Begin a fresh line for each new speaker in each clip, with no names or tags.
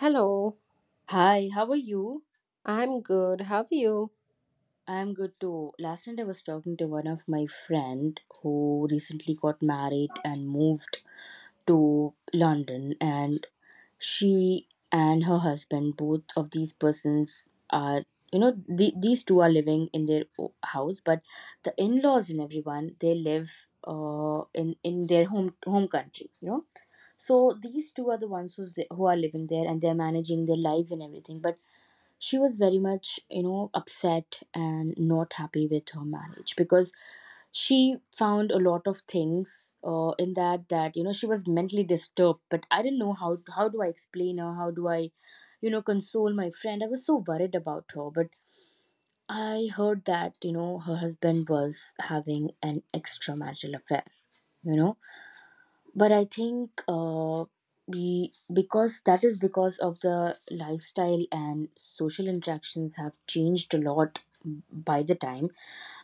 Hello,
Hi, how are you?
I'm good. How are you?
I'm good too. Last night I was talking to one of my friend who recently got married and moved to London, and she and her husband, both of these persons are, these two are living in their house, but the in-laws and everyone, they live in their home country so these two are the ones who's, who are living there, and they're managing their lives and everything. But she was very much upset and not happy with her marriage, because she found a lot of things in that, she was mentally disturbed. But I didn't know, how do I explain her, how do I console my friend. I was so worried about her. But I heard that her husband was having an extramarital affair you know but I think we because that is because of the lifestyle and social interactions have changed a lot by the time.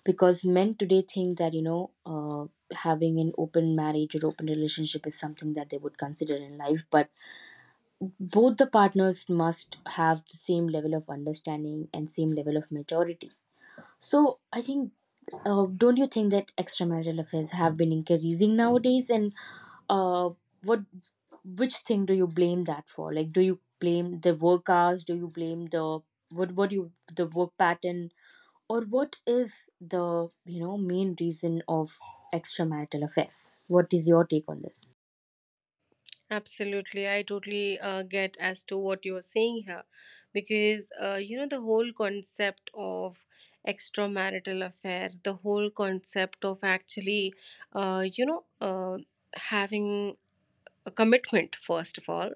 Because men today think that having an open marriage or open relationship is something that they would consider in life. But both the partners must have the same level of understanding and same level of maturity. So I think, don't you think that extramarital affairs have been increasing nowadays? And uh what which thing do you blame that for? Like, do you blame the work hours? Do you blame the, what do you, the work pattern? Or what is the main reason of extramarital affairs? What is your take on this?
Absolutely, I totally get as to what you're saying here because you know, the whole concept of extramarital affair, the whole concept of actually, uh, you know, uh, having a commitment first of all,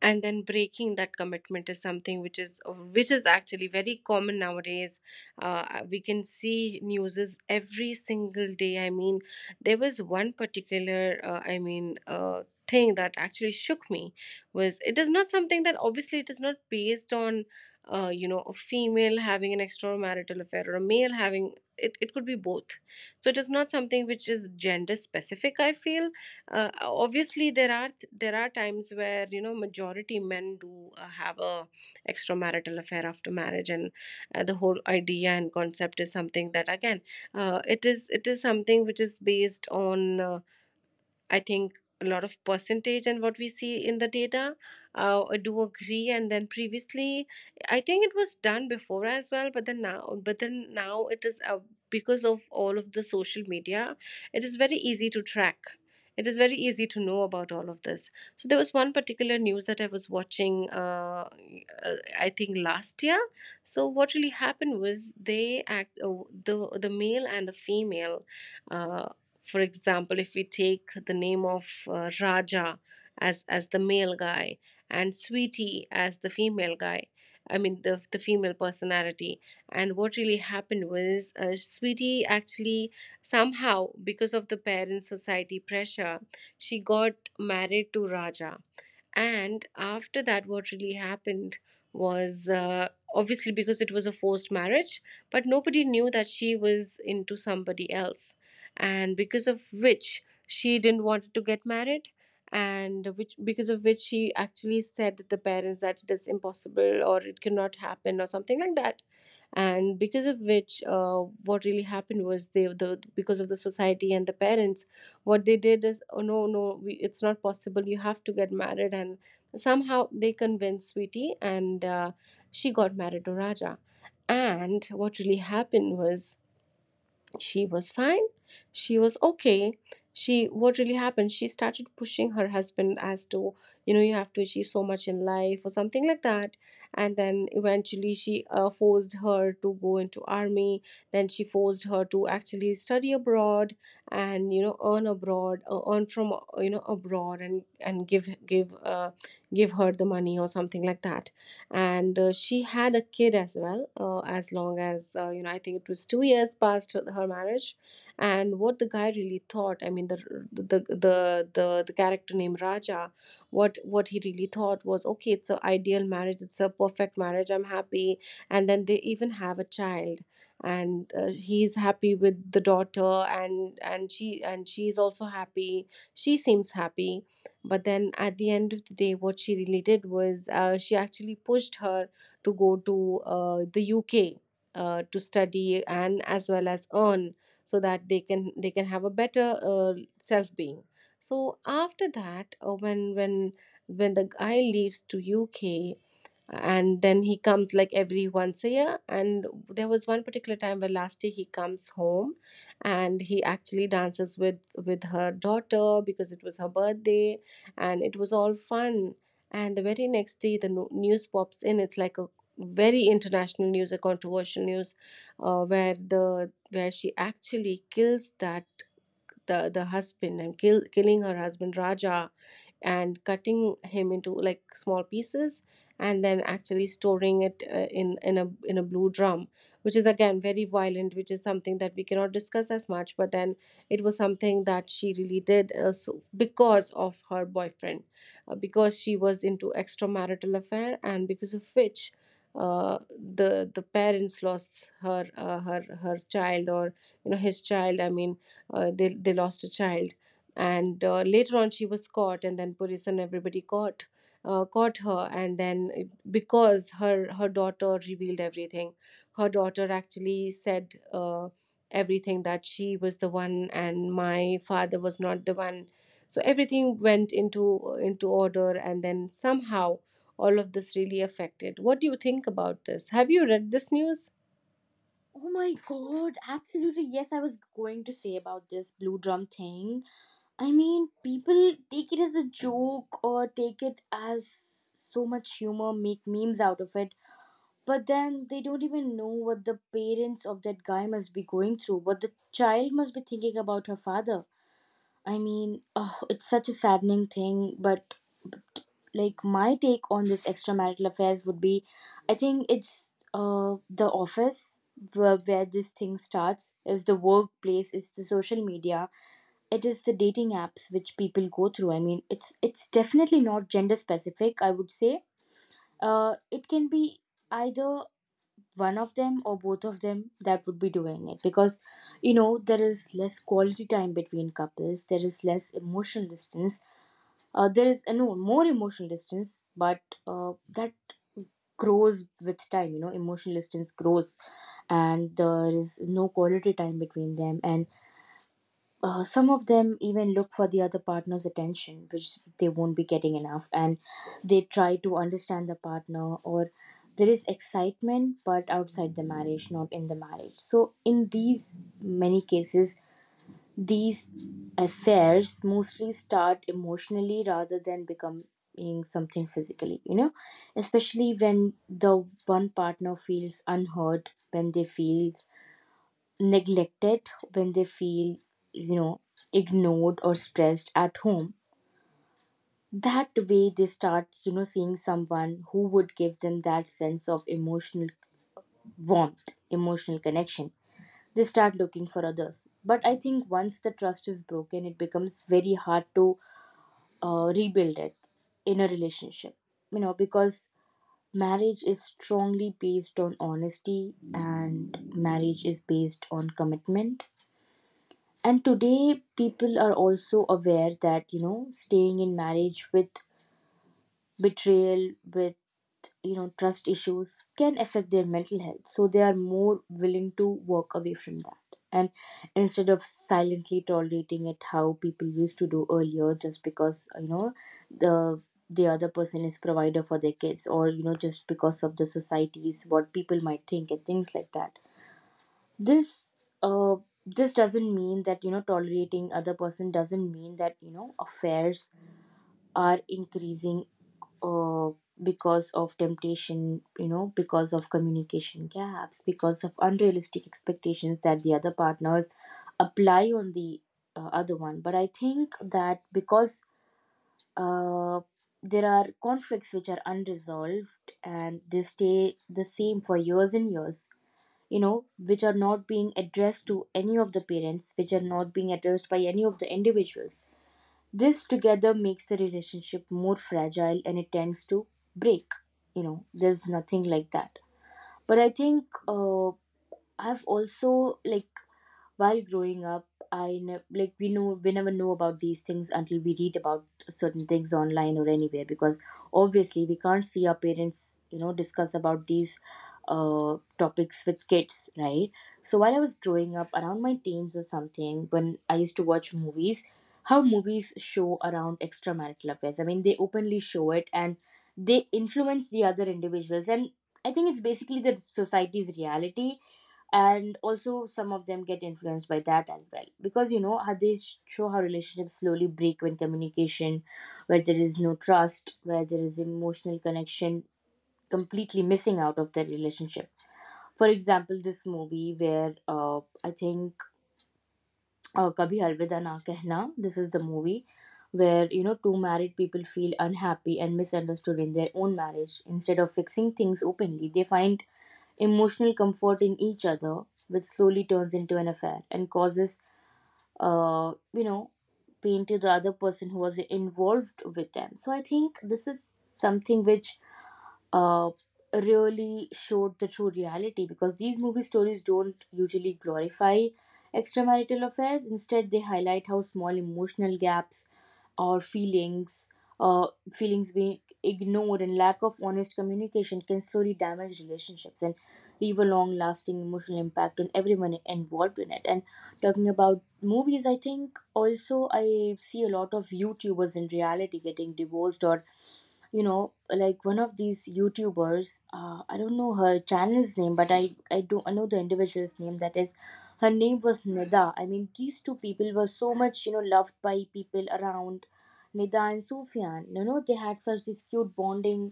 and then breaking that commitment is something which is actually very common nowadays. uh, we can see newses every single day. I mean, there was one particular I mean, thing that actually shook me. Was it is not something that, obviously, it is not based on you know, a female having an extramarital affair or a male having it, it could be both. So it is not something which is gender specific, I feel. Obviously, there are times where, you know, majority men do have a extramarital affair after marriage. And the whole idea and concept is something that, again, it is something which is based on I think a lot of percentage and what we see in the data. I do agree. And then previously, I think it was done before as well, but then now, it is, because of all of the social media, it is very easy to track. It is very easy to know about all of this. So there was one particular news that I was watching. I think last year. So what really happened was the male and the female. uh, for example, if we take the name of, Raja as the male guy, and Sweetie as the female guy, I mean the female personality. And what really happened was, Sweetie actually, somehow because of the parents' society pressure, she got married to Raja. And after that, what really happened was, obviously because it was a forced marriage, but nobody knew that she was into somebody else. And because of which she didn't want to get married, and which because of which she actually said to the parents that it is impossible or it cannot happen or something like that. And because of which, what really happened was, they the because of the society and the parents, what they did is, oh no, no, we, it's not possible, you have to get married. And somehow they convinced Sweetie, and she got married to Raja. And what really happened was, she was fine. She was okay. She, what really happened? She started pushing her husband as to, you know, you have to achieve so much in life or something like that. And then eventually she forced her to go into army. Then she forced her to actually study abroad and, you know, earn abroad, earn from, you know, abroad, and, and give her the money or something like that. And she had a kid as well, as long as, you know, I think it was 2 years past her marriage. And what the guy really thought, I mean, the character named Raja, what he really thought was, okay, it's an ideal marriage, it's a perfect marriage, I'm happy. And then they even have a child, and he's happy with the daughter, and she's also happy. She seems happy. But then at the end of the day, what she really did was, she actually pushed her to go to, the UK, to study and as well as earn, so that they can have a better self being. So after that, when the guy leaves to UK and then he comes like every once a year, and there was one particular time where last year he comes home, and he actually dances with her daughter because it was her birthday, and it was all fun. And the very next day the news pops in, it's like a very international news, a controversial news, where the where she actually kills that the husband, and killing her husband Raja, and cutting him into like small pieces, and then actually storing it in a blue drum, which is again very violent, which is something that we cannot discuss as much. But then it was something that she really did, so because of her boyfriend, because she was into extramarital affair. And because of which, the parents lost her, her child, or you know, his child. I mean, they lost a child. And later on she was caught, and then police and everybody caught, caught her. And then because her daughter revealed everything, her daughter actually said. Everything, that she was the one and my father was not the one. So everything went into order, and then somehow all of this really affected. What do you think about this? Have you read this news?
Oh my god, absolutely, yes, I was going to say about this blue drum thing. I mean, people take it as a joke or take it as so much humor, make memes out of it. But then they don't even know what the parents of that guy must be going through, what the child must be thinking about her father. I mean, oh, it's such a saddening thing. But like, my take on this extramarital affairs would be, I think it's, the office where this thing starts, is the workplace, is the social media, it is the dating apps which people go through. I mean, it's definitely not gender specific, I would say. It can be either one of them or both of them that would be doing it, because there is less quality time between couples, there is less emotional distance. There is no more emotional distance, but that grows with time. Emotional distance grows, and there is no quality time between them. And some of them even look for the other partner's attention, which they won't be getting enough, and they try to understand the partner, or there is excitement, but outside the marriage, not in the marriage. So in these many cases, these affairs mostly start emotionally rather than becoming something physically, especially when the one partner feels unheard, when they feel neglected, when they feel you know ignored or stressed at home. That way they start seeing someone who would give them that sense of emotional warmth, emotional connection. They start looking for others. But I think once the trust is broken, it becomes very hard to rebuild it in a relationship, because marriage is strongly based on honesty, and marriage is based on commitment. And today people are also aware that staying in marriage with betrayal, with trust issues can affect their mental health. So they are more willing to walk away from that, and instead of silently tolerating it how people used to do earlier. Just because the the other person is provider for their kids, or just because of the societies what people might think and things like that. this uh this doesn't mean that tolerating other person doesn't mean that affairs are increasing uh because of temptation, because of communication gaps, because of unrealistic expectations that the other partners apply on the other one. But I think that, because uh there are conflicts which are unresolved and they stay the same for years and years. You know, which are not being addressed to any of the parents, which are not being addressed by any of the individuals. This together makes the relationship more fragile, and it tends to break. You know, there's nothing like that. But I think, I've also, like, while growing up, like we know, we never know about these things until we read about certain things online or anywhere, because obviously we can't see our parents discuss about these topics with kids, right? So while I was growing up around my teens or something, when I used to watch movies, how movies show around extramarital affairs, I mean, they openly show it, and they influence the other individuals. And I think it's basically the society's reality, and also some of them get influenced by that as well, because you know how they show how relationships slowly break when communication, where there is no trust, where there is emotional connection completely missing out of the relationship. For example, this movie where, I think Kabhi Alvida Na Kehna, this is the movie where two married people feel unhappy and misunderstood in their own marriage. Instead of fixing things openly, they find emotional comfort in each other, which slowly turns into an affair and causes, uh, you know, pain to the other person who was involved with them. So I think this is something which uh, really showed the true reality, because these movie stories don't usually glorify extramarital affairs. Instead, they highlight how small emotional gaps or feelings, feelings being ignored, and lack of honest communication can slowly damage relationships and leave a long-lasting emotional impact on everyone involved in it. And talking about movies, I think also I see a lot of YouTubers in reality getting divorced, or like one of these YouTubers, I don't know her channel's name, but I do, I know the individual's name, that is, her name was Nida. I mean, these two people were so much loved by people around. Nida and Sufyan, they had such, this cute bonding,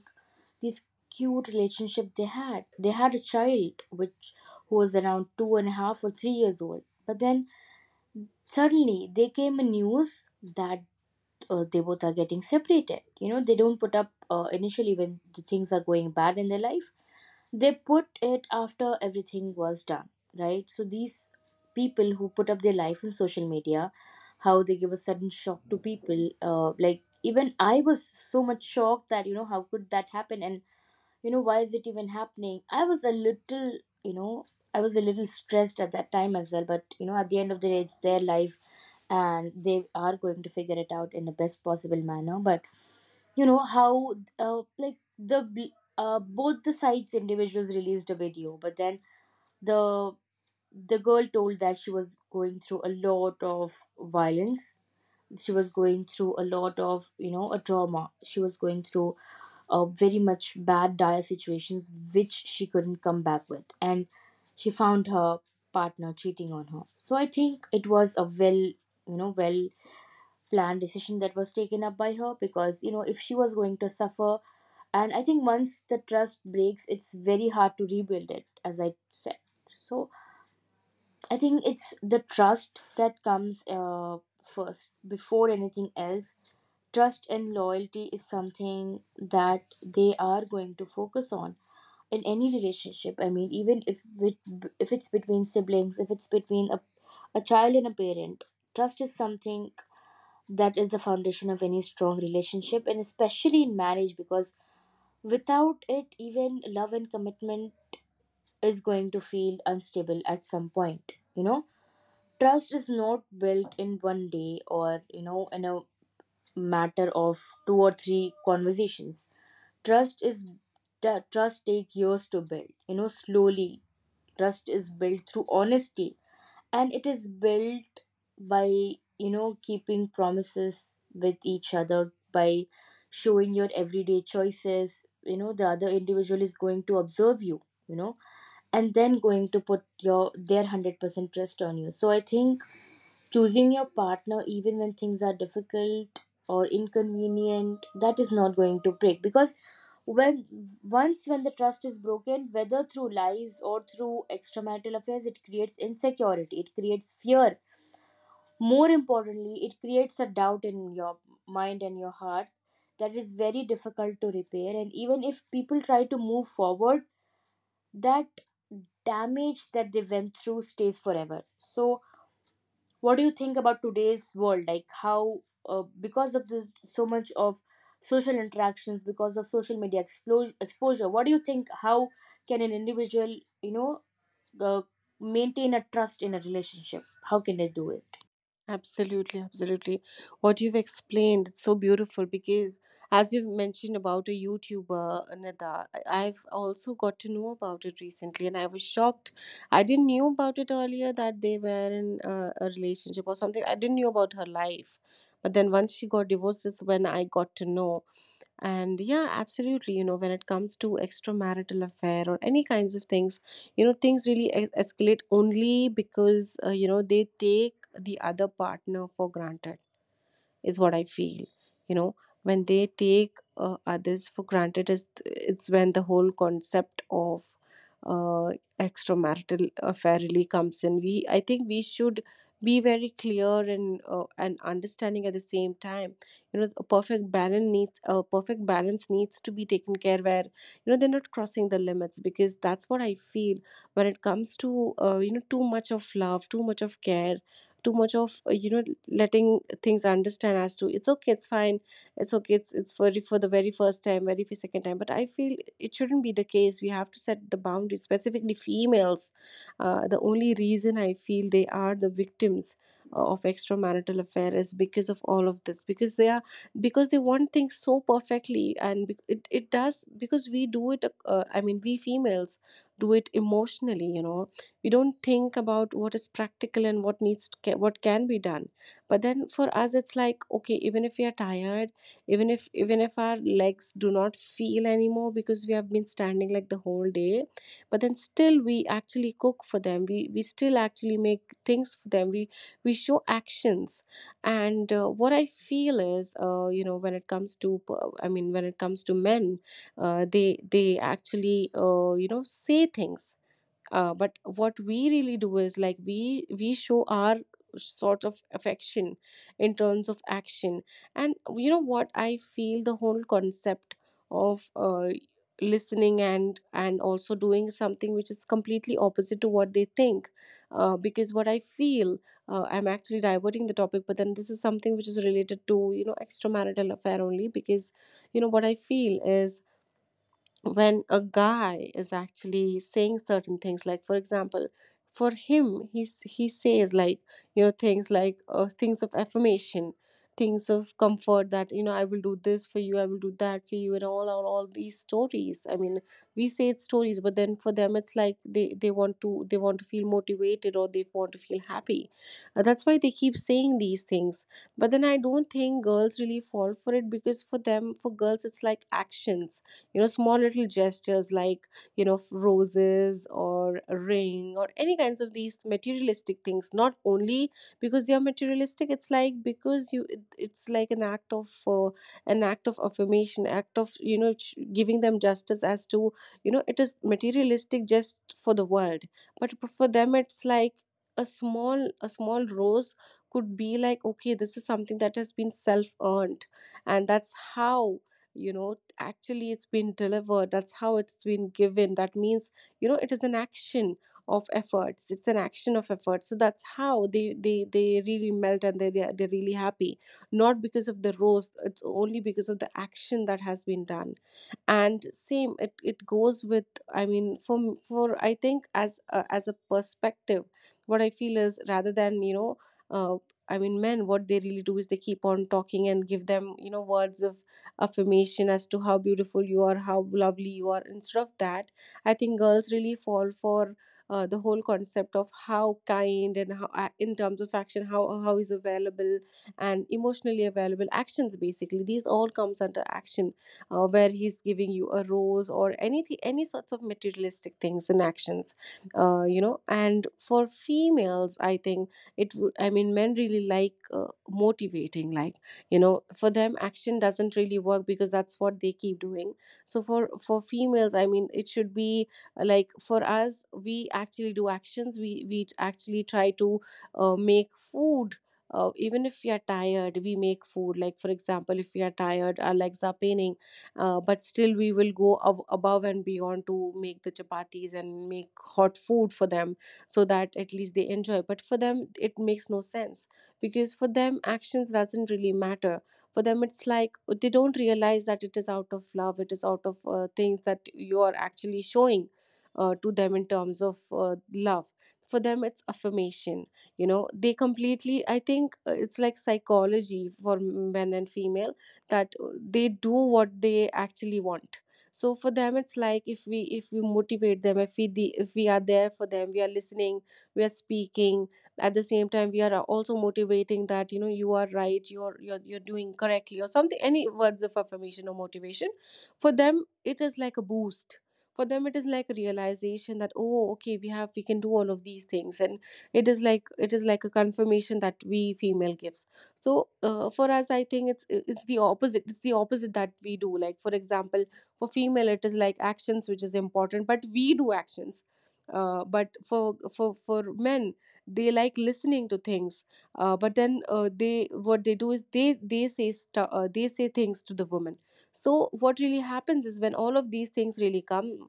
this cute relationship they had. They had a child which, who was around two and a half or 3 years old. But then suddenly they came a news that they both are getting separated. You know, they don't put up initially when the things are going bad in their life. They put it after everything was done, right? So these people who put up their life in social media, how they give a sudden shock to people. Like, even I was so much shocked that how could that happen. And why is it even happening. I was a little, you know I was a little stressed at that time as well. But you know, at the end of the day, it's their life, and they are going to figure it out in the best possible manner. But you know how like the both the sides individuals released a video. But then the the girl told that she was going through a lot of violence, she was going through a lot of, a trauma. She was going through very much bad dire situations which she couldn't come back with. And she found her partner cheating on her. So I think it was a well, well planned decision that was taken up by her, because you know, if she was going to suffer. And I think once the trust breaks, it's very hard to rebuild it, as I said. So I think it's the trust that comes, first before anything else. Trust and loyalty is something that they are going to focus on in any relationship. I mean, even if it, if it's between siblings, if it's between a child and a parent, trust is something that is the foundation of any strong relationship, and especially in marriage, because without it, even love and commitment is going to feel unstable at some point. You know, trust is not built in one day, or you know, in a matter of two or three conversations. Trust is, trust take years to build. You know, slowly trust is built through honesty, and it is built by keeping promises with each other, by showing your everyday choices. You know, the other individual is going to observe you. You know, and then going to put your, their 100% trust on you. So I think choosing your partner even when things are difficult or inconvenient, that is not going to break. Because when once when the trust is broken, whether through lies or through extramarital affairs, it creates insecurity, it creates fear. More importantly, it creates a doubt in your mind and your heart that is very difficult to repair. And even if people try to move forward, that damage that they went through stays forever. So what do you think about today's world, like how because of this so much of social interactions, because of social media exposure, what do you think? How can an individual, uh, maintain a trust in a relationship? How can they do it?
Absolutely, absolutely. What you've explained, it's so beautiful, because as you've mentioned about a YouTuber, Nada, I- I've also got to know about it recently and I was shocked. I didn't knew about it earlier that they were in a relationship or something. I didn't know about her life. But then once she got divorced is when I got to know. And yeah, absolutely, you know, when it comes to extramarital affair or any kinds of things, you know, things really escalate only because, you know, they take the other partner for granted is what I feel. You know, when they take, others for granted is, it's when the whole concept of uh, extramarital affair really comes in. We, I think we should be very clear and understanding at the same time. You know, a perfect balance needs to be taken care, where you know they're not crossing the limits, because that's what I feel. When it comes to you know, too much of love, too much of care, too much of you know, letting things understand as to it's okay, it's fine. It's okay, it's for the very first time, very second time. But I feel it shouldn't be the case. We have to set the boundaries, specifically females. The only reason I feel they are the victims of extramarital affair is because of all of this, because they are, because they want things so perfectly. And it does, because we do it, I mean, we females do it emotionally, you know. We don't think about what is practical and what what can be done. But then for us, it's like, okay, even if we are tired, even if our legs do not feel anymore because we have been standing like the whole day, but then still we actually cook for them, we still actually make things for them, we show actions. And what I feel is, you know, when it comes to I mean, when it comes to men, uh, they they actually, you know, say things, but what we really do is like, we show our sort of affection in terms of action. And you know what I feel, the whole concept of, listening and also doing something which is completely opposite to what they think. Because what I feel, I'm actually diverting the topic, but then this is something which is related to, you know, extramarital affair only. Because you know what I feel is, when a guy is actually saying certain things, like for example, for him, he says like, you know, things like, things of affirmation, things of comfort, that, you know, I will do this for you, I will do that for you, and all these stories. I mean, we say it's stories, but then for them it's like, they want to, they want to feel motivated, or they want to feel happy. That's why they keep saying these things. But then I don't think girls really fall for it, because for them, for girls, it's like actions. You know, small little gestures like, you know, roses or a ring or any kinds of these materialistic things, not only because they are materialistic. It's like, because it's like an act of, an act of affirmation, act of, you know, giving them justice as to, you know, it is materialistic just for the world, but for them it's like, a small rose could be like, okay, this is something that has been self earned, and that's how, you know, actually it's been delivered, that's how it's been given, that means, you know, it is an action of Efforts, it's an action of effort. So that's how they really melt and they're really happy, not because of the rose, it's only because of the action that has been done. And same it goes with, I mean for I think as a perspective, what I feel is rather than uh, I mean men, what they really do is they keep on talking and give them, you know, words of affirmation as to how beautiful you are, how lovely you are. Instead of that, I think girls really fall for the whole concept of how kind and in terms of action, how is available and emotionally available. Actions, basically these all comes under action, where he's giving you a rose or anything, any sorts of materialistic things and actions. You know, and for females, I think it would, I mean men really like motivating, like, you know, for them action doesn't really work because that's what they keep doing. So for females, I mean it should be, like for us, we actually do actions. We actually try to make food. Even if we are tired, we make food. Like for example, if we are tired, our legs are paining, but still we will go above and beyond to make the chapatis and make hot food for them so that at least they enjoy. But for them it makes no sense, because for them actions doesn't really matter. For them it's like, they don't realize that it is out of love, it is out of things that you are actually showing to them in terms of love. For them it's affirmation. You know, they completely, I think, it's like psychology for men and female, that they do what they actually want. So for them it's like, if we motivate them, if we are there for them, we are listening, we are speaking. At the same time we are also motivating, that you know you are right, you're doing correctly or something, any words of affirmation or motivation. For them it is like a boost. For them it is like a realization that, oh okay, we can do all of these things. And it is like a confirmation that we female gives. So for us, I think it's the opposite. It's the opposite that we do, like for example, for female it is like actions which is important, but we do actions. But for men, they like listening to things. But then they, what they do is they they say things to the woman. So what really happens is, when all of these things really come,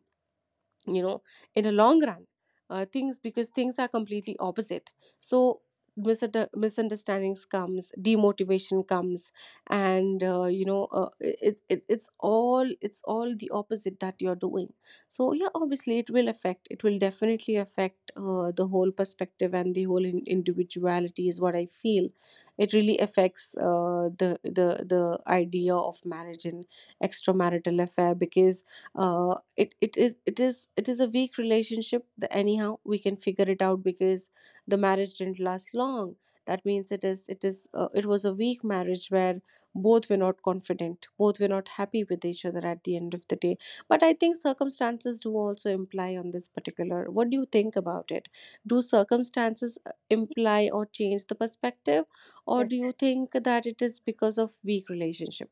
you know, in a long run, things, because things are completely opposite. So misunderstandings comes, demotivation comes, and it's all, it's all the opposite that you're doing. So yeah, obviously it will affect, it will definitely affect the whole perspective and the whole individuality is what I feel. It really affects the the idea of marriage and extramarital affair. Because it is a weak relationship, the anyhow we can figure it out because the marriage didn't last long. That means it was a weak marriage, where both were not confident, both were not happy with each other at the end of the day. But I think circumstances do also imply on this particular, what do you think about it? Do circumstances imply or change the perspective, or
Def-
do you think that it is because of weak relationship?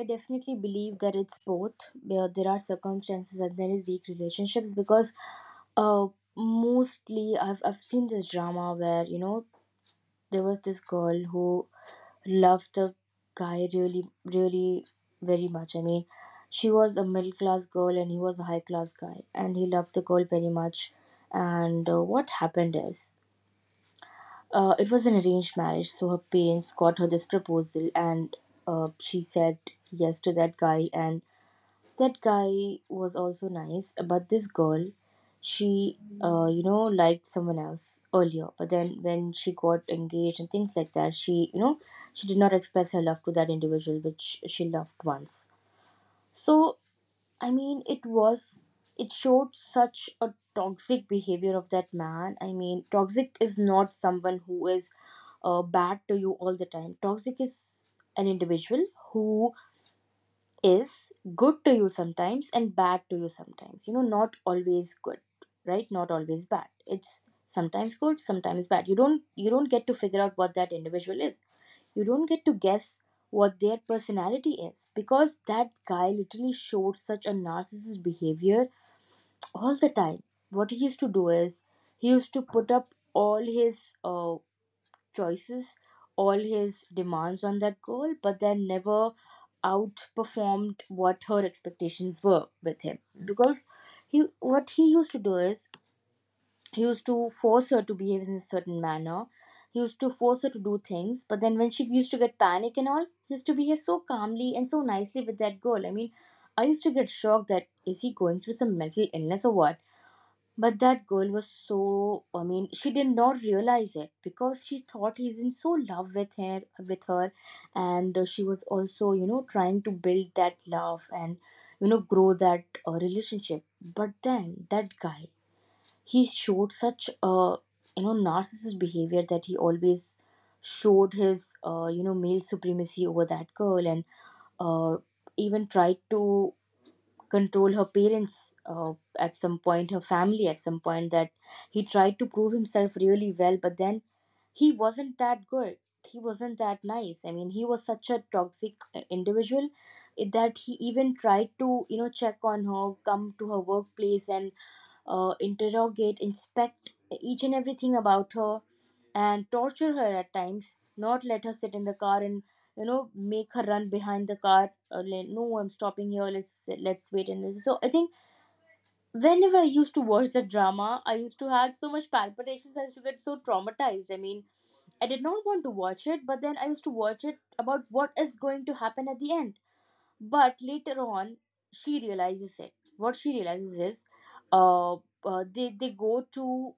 I definitely believe that it's both, where there are circumstances and there is weak relationships. Because uh, mostly I've seen this drama where, you know, there was this girl who love the guy really, really very much. I mean, she was a middle class girl and he was a high class guy, and he loved the girl very much. And what happened is, it was an arranged marriage, so her parents got her this proposal, and she said yes to that guy, and that guy was also nice, but this girl, she, you know, liked someone else earlier. But then when she got engaged and things like that, she, you know, she did not express her love to that individual which she loved once. So, I mean, it was, it showed such a toxic behavior of that man. I mean, toxic is not someone who is bad to you all the time. Toxic is an individual who is good to you sometimes and bad to you sometimes, you know, not always good, right? Not always bad. It's sometimes good, sometimes bad. You don't you don't get to figure out what that individual is. You don't get to guess what their personality is, because that guy literally showed such a narcissist behavior all the time. What he used to do is he used to put up all his choices, all his demands on that girl, but then never outperformed what her expectations were with him. Because he, what he used to do is he used to force her to behave in a certain manner. He used to force her to do things, but then when she used to get panic and all, he used to behave so calmly and so nicely with that girl. I mean, I used to get shocked, that is he going through some mental illness or what? But that girl was so, I mean, she did not realize it because she thought he's in so love with her with her. And she was also, you know, trying to build that love and, you know, grow that relationship. But then that guy, he showed such a, you know, narcissist behavior that he always showed his you know, male supremacy over that girl. And uh, even tried to control her parents at some point, her family at some point, that he tried to prove himself really well, but then he wasn't that good. He wasn't that nice. I mean, he was such a toxic individual, that he even tried to, you know, check on her, come to her workplace, and interrogate, inspect each and everything about her, and torture her at times, not let her sit in the car, and you know, make her run behind the car. Or like, no, I'm stopping here. Let's wait and listen. So I think whenever I used to watch the drama, I used to have so much palpitations. I used to get so traumatized. I mean, I did not want to watch it, but then I used to watch it about what is going to happen at the end. But later on, she realizes it. What she realizes is uh, they go to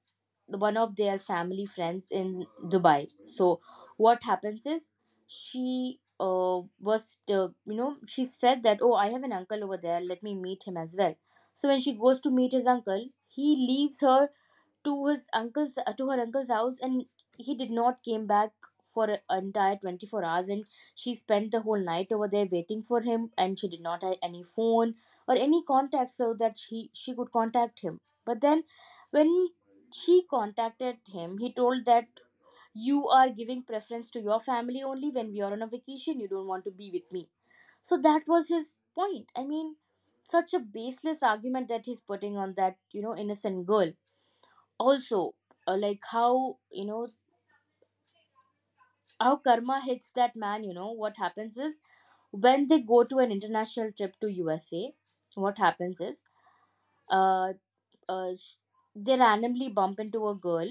one of their family friends in Dubai. So what happens is she, was you know, she said that, oh, I have an uncle over there, let me meet him as well. So when she goes to meet his uncle, he leaves her to his uncle's to her uncle's house, and he did not came back for an entire 24 hours. And she spent the whole night over there waiting for him, and she did not have any phone or any contact so that she could contact him. But then when she contacted him, he told that you are giving preference to your family. Only when we are on a vacation, you don't want to be with me. So that was his point. I mean, such a baseless argument that he's putting on that, you know, innocent girl. Also, like how, you know, how karma hits that man. You know what happens is when they go to an international trip to USA, what happens is, uh, uh sh- they randomly bump into a girl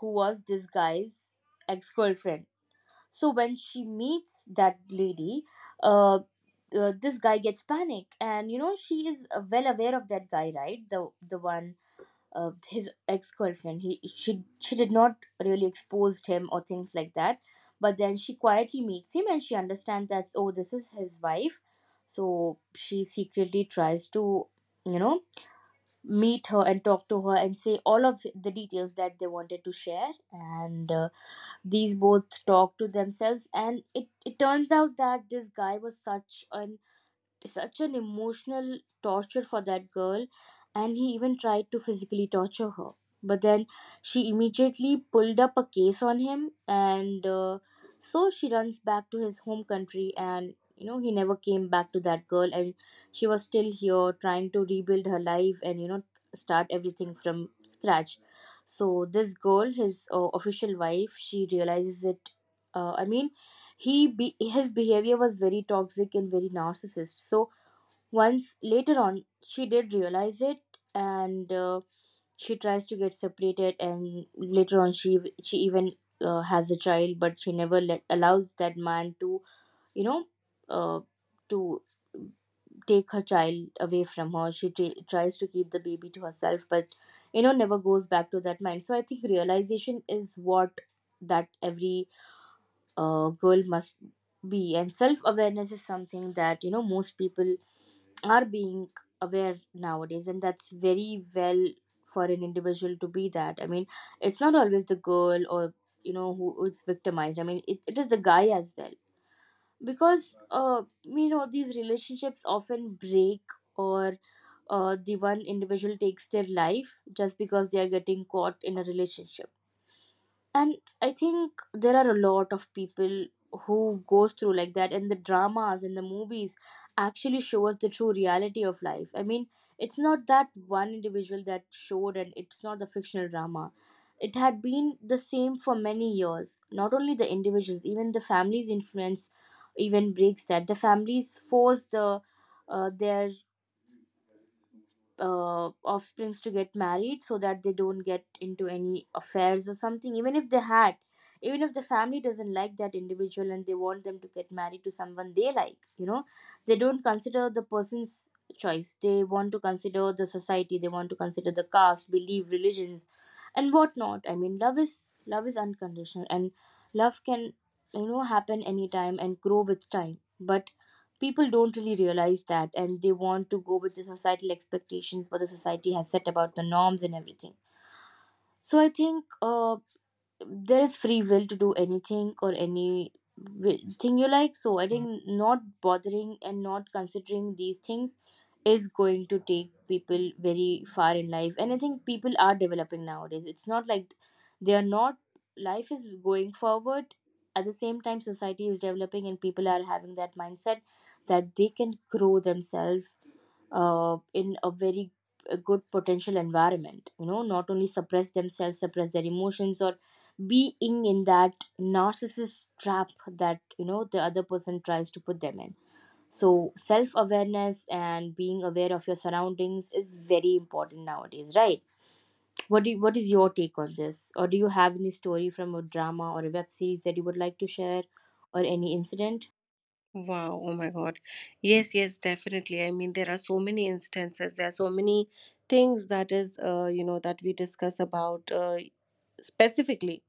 who was this guy's ex-girlfriend. So when she meets that lady, uh, this guy gets panic, and you know, she is well aware of that guy, right? The the one uh, his ex-girlfriend, he, she did not really expose him or things like that. But then she quietly meets him, and she understands that, oh, this is his wife. So she secretly tries to, you know, meet her and talk to her and say all of the details that they wanted to share. And these both talk to themselves, and it turns out that this guy was such an emotional torture for that girl. And he even tried to physically torture her. But then she immediately pulled up a case on him. And so she runs back to his home country, and you know, he never came back to that girl. And she was still here trying to rebuild her life and, you know, start everything from scratch. So this girl, his official wife, she realizes it. Uh, I mean, his behavior was very toxic and very narcissist. So once later on, she did realize it, and she tries to get separated. And later on, she even has a child, but she never let, allows that man to, you know, uh, to take her child away from her. She tries to keep the baby to herself, but you know, never goes back to that mind. So I think realization is what that every girl must be, and self awareness is something that, you know, most people are being aware nowadays, and that's very well for an individual to be that. I mean, it's not always the girl or, you know, who is victimized. I mean, it is the guy as well, because uh, you know, these relationships often break, or the one individual takes their life just because they are getting caught in a relationship. And I think there are a lot of people who goes through like that, and the dramas and the movies actually show us the true reality of life. I mean, it's not that one individual that showed, and it's not the fictional drama. It had been the same for many years. Not only the individuals, even the families influence, even breaks that. The families force the their offsprings to get married so that they don't get into any affairs or something. Even if they had, even if the family doesn't like that individual, and they want them to get married to someone they like, you know, they don't consider the person's choice. They want to consider the society, they want to consider the caste, belief, religions, and whatnot. I mean, love is, love is unconditional, and love can, you know, happen anytime and grow with time. But people don't really realize that, and they want to go with the societal expectations, what the society has set about the norms and everything. So I think uh, there is free will to do anything or any thing you like. So I think not bothering and not considering these things is going to take people very far in life. And I think people are developing nowadays. It's not like they are not. Life is going forward. At the same time, society is developing, and people are having that mindset that they can grow themselves in a very good potential environment, you know, not only suppress themselves, suppress their emotions, or being in that narcissist trap that, you know, the other person tries to put them in. So self awareness and being aware of your surroundings is very important nowadays, right? What do, what is your take on this, or do you have any story from a drama or a web series that you would like to share, or any incident?
Wow, oh my God. Yes, yes, definitely. I mean, there are so many instances, there are so many things that is, you know, that we discuss about, specifically,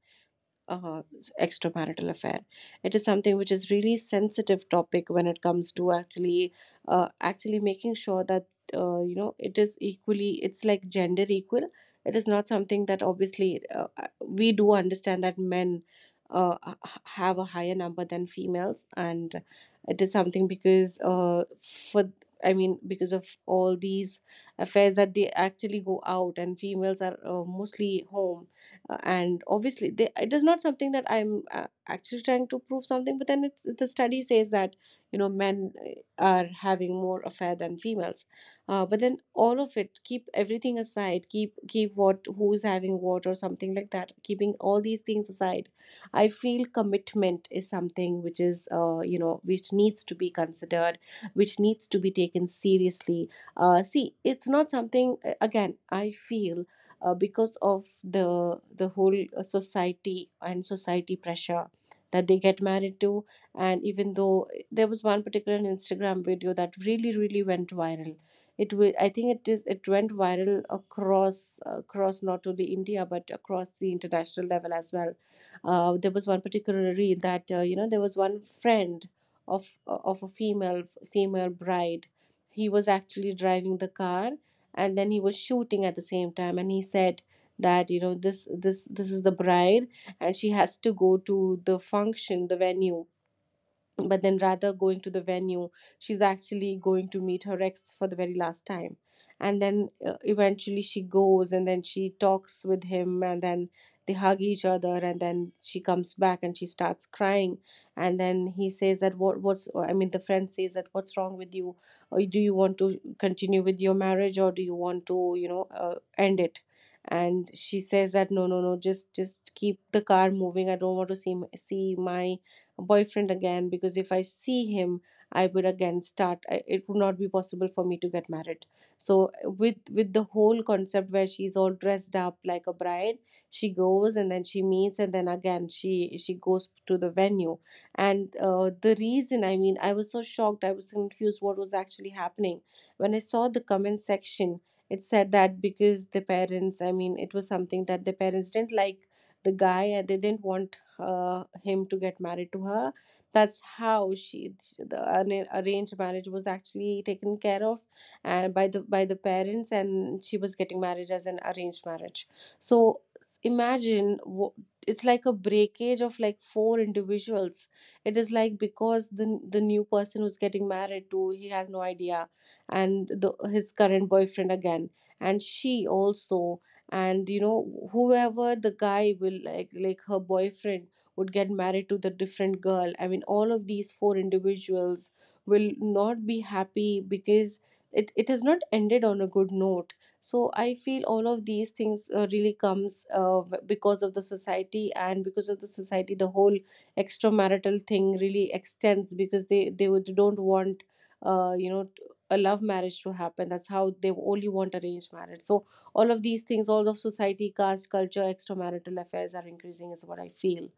uh, extramarital affair. It is something which is really sensitive topic when it comes to actually, actually making sure that, you know, it is equally, it's like gender equal. It is not something that obviously, we do understand that men uh, h- have a higher number than females. And it is something because, for, I mean, because of all these affairs that they actually go out, and females are mostly home, and obviously they, it is not something that I'm actually trying to prove something, but then it's the study says that, you know, men are having more affair than females. But then all of it, keep everything aside, keep what who's having what or something like that, keeping all these things aside, I feel commitment is something which is, you know, which needs to be considered, which needs to be taken seriously. See, it's not something, again I feel because of the whole, society and society pressure, that they get married to. And even though, there was one particular Instagram video that really really went viral. It will, I think it is, it went viral across, across not only India but across the international level as well. There was one particular reel, that, you know, there was one friend of of a female, female bride. He was actually driving the car, and then he was shooting at the same time, and he said that, you know, this is the bride, and she has to go to the function, the venue. But then rather going to the venue, she's actually going to meet her ex for the very last time. And then eventually she goes, and then she talks with him, and then they hug each other, and then she comes back and she starts crying. And then he says that, what's, I mean the friend says that, what's wrong with you, or do you want to continue with your marriage, or do you want to, you know, end it? And she says that, no no no, just keep the car moving, I don't want to see my boyfriend again, because if I see him, I would again start. It would not be possible for me to get married. So with the whole concept where she's all dressed up like a bride, she goes and then she meets, and then again she goes to the venue. And the reason, I mean, I was so shocked, I was confused what was actually happening when I saw the comment section. It said that because the parents, I mean, it was something that the parents didn't like the guy, and they didn't want him to get married to her. That's how she, the arranged marriage was actually taken care of, and by the parents, and she was getting married as an arranged marriage. So imagine it's like a breakage of like four individuals. It is like, because the new person who's getting married to, he has no idea, and the his current boyfriend again, and she also, and you know, whoever the guy will, like her boyfriend, would get married to the different girl. I mean, all of these four individuals will not be happy, because it has not ended on a good note. So I feel all of these things really comes because of the society, and because of the society the whole extramarital thing really extends, because they don't want, uh, you know t- a love marriage to happen. That's how they only want arranged marriage. So all of these things, all of society, caste, culture, extramarital affairs are increasing is what I feel.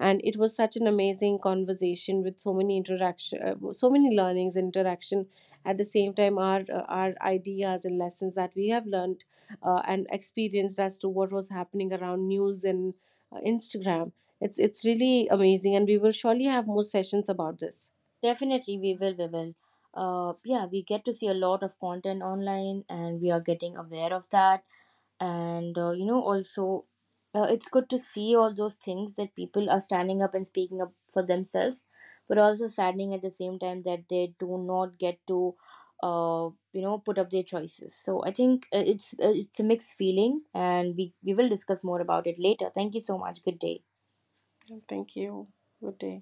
And it was such an amazing conversation with so many interaction, so many learnings and interaction. At the same time, our ideas and lessons that we have learned and experienced, as to what was happening around news and Instagram. It's really amazing, and we will surely have more sessions about this.
Definitely, we will. We will. Yeah, we get to see a lot of content online, and we are getting aware of that. And you know, also, it's good to see all those things that people are standing up and speaking up for themselves, but also saddening at the same time that they do not get to, you know, put up their choices. So I think it's a mixed feeling, and we will discuss more about it later. Thank you so much. Good day.
Thank you. Good day.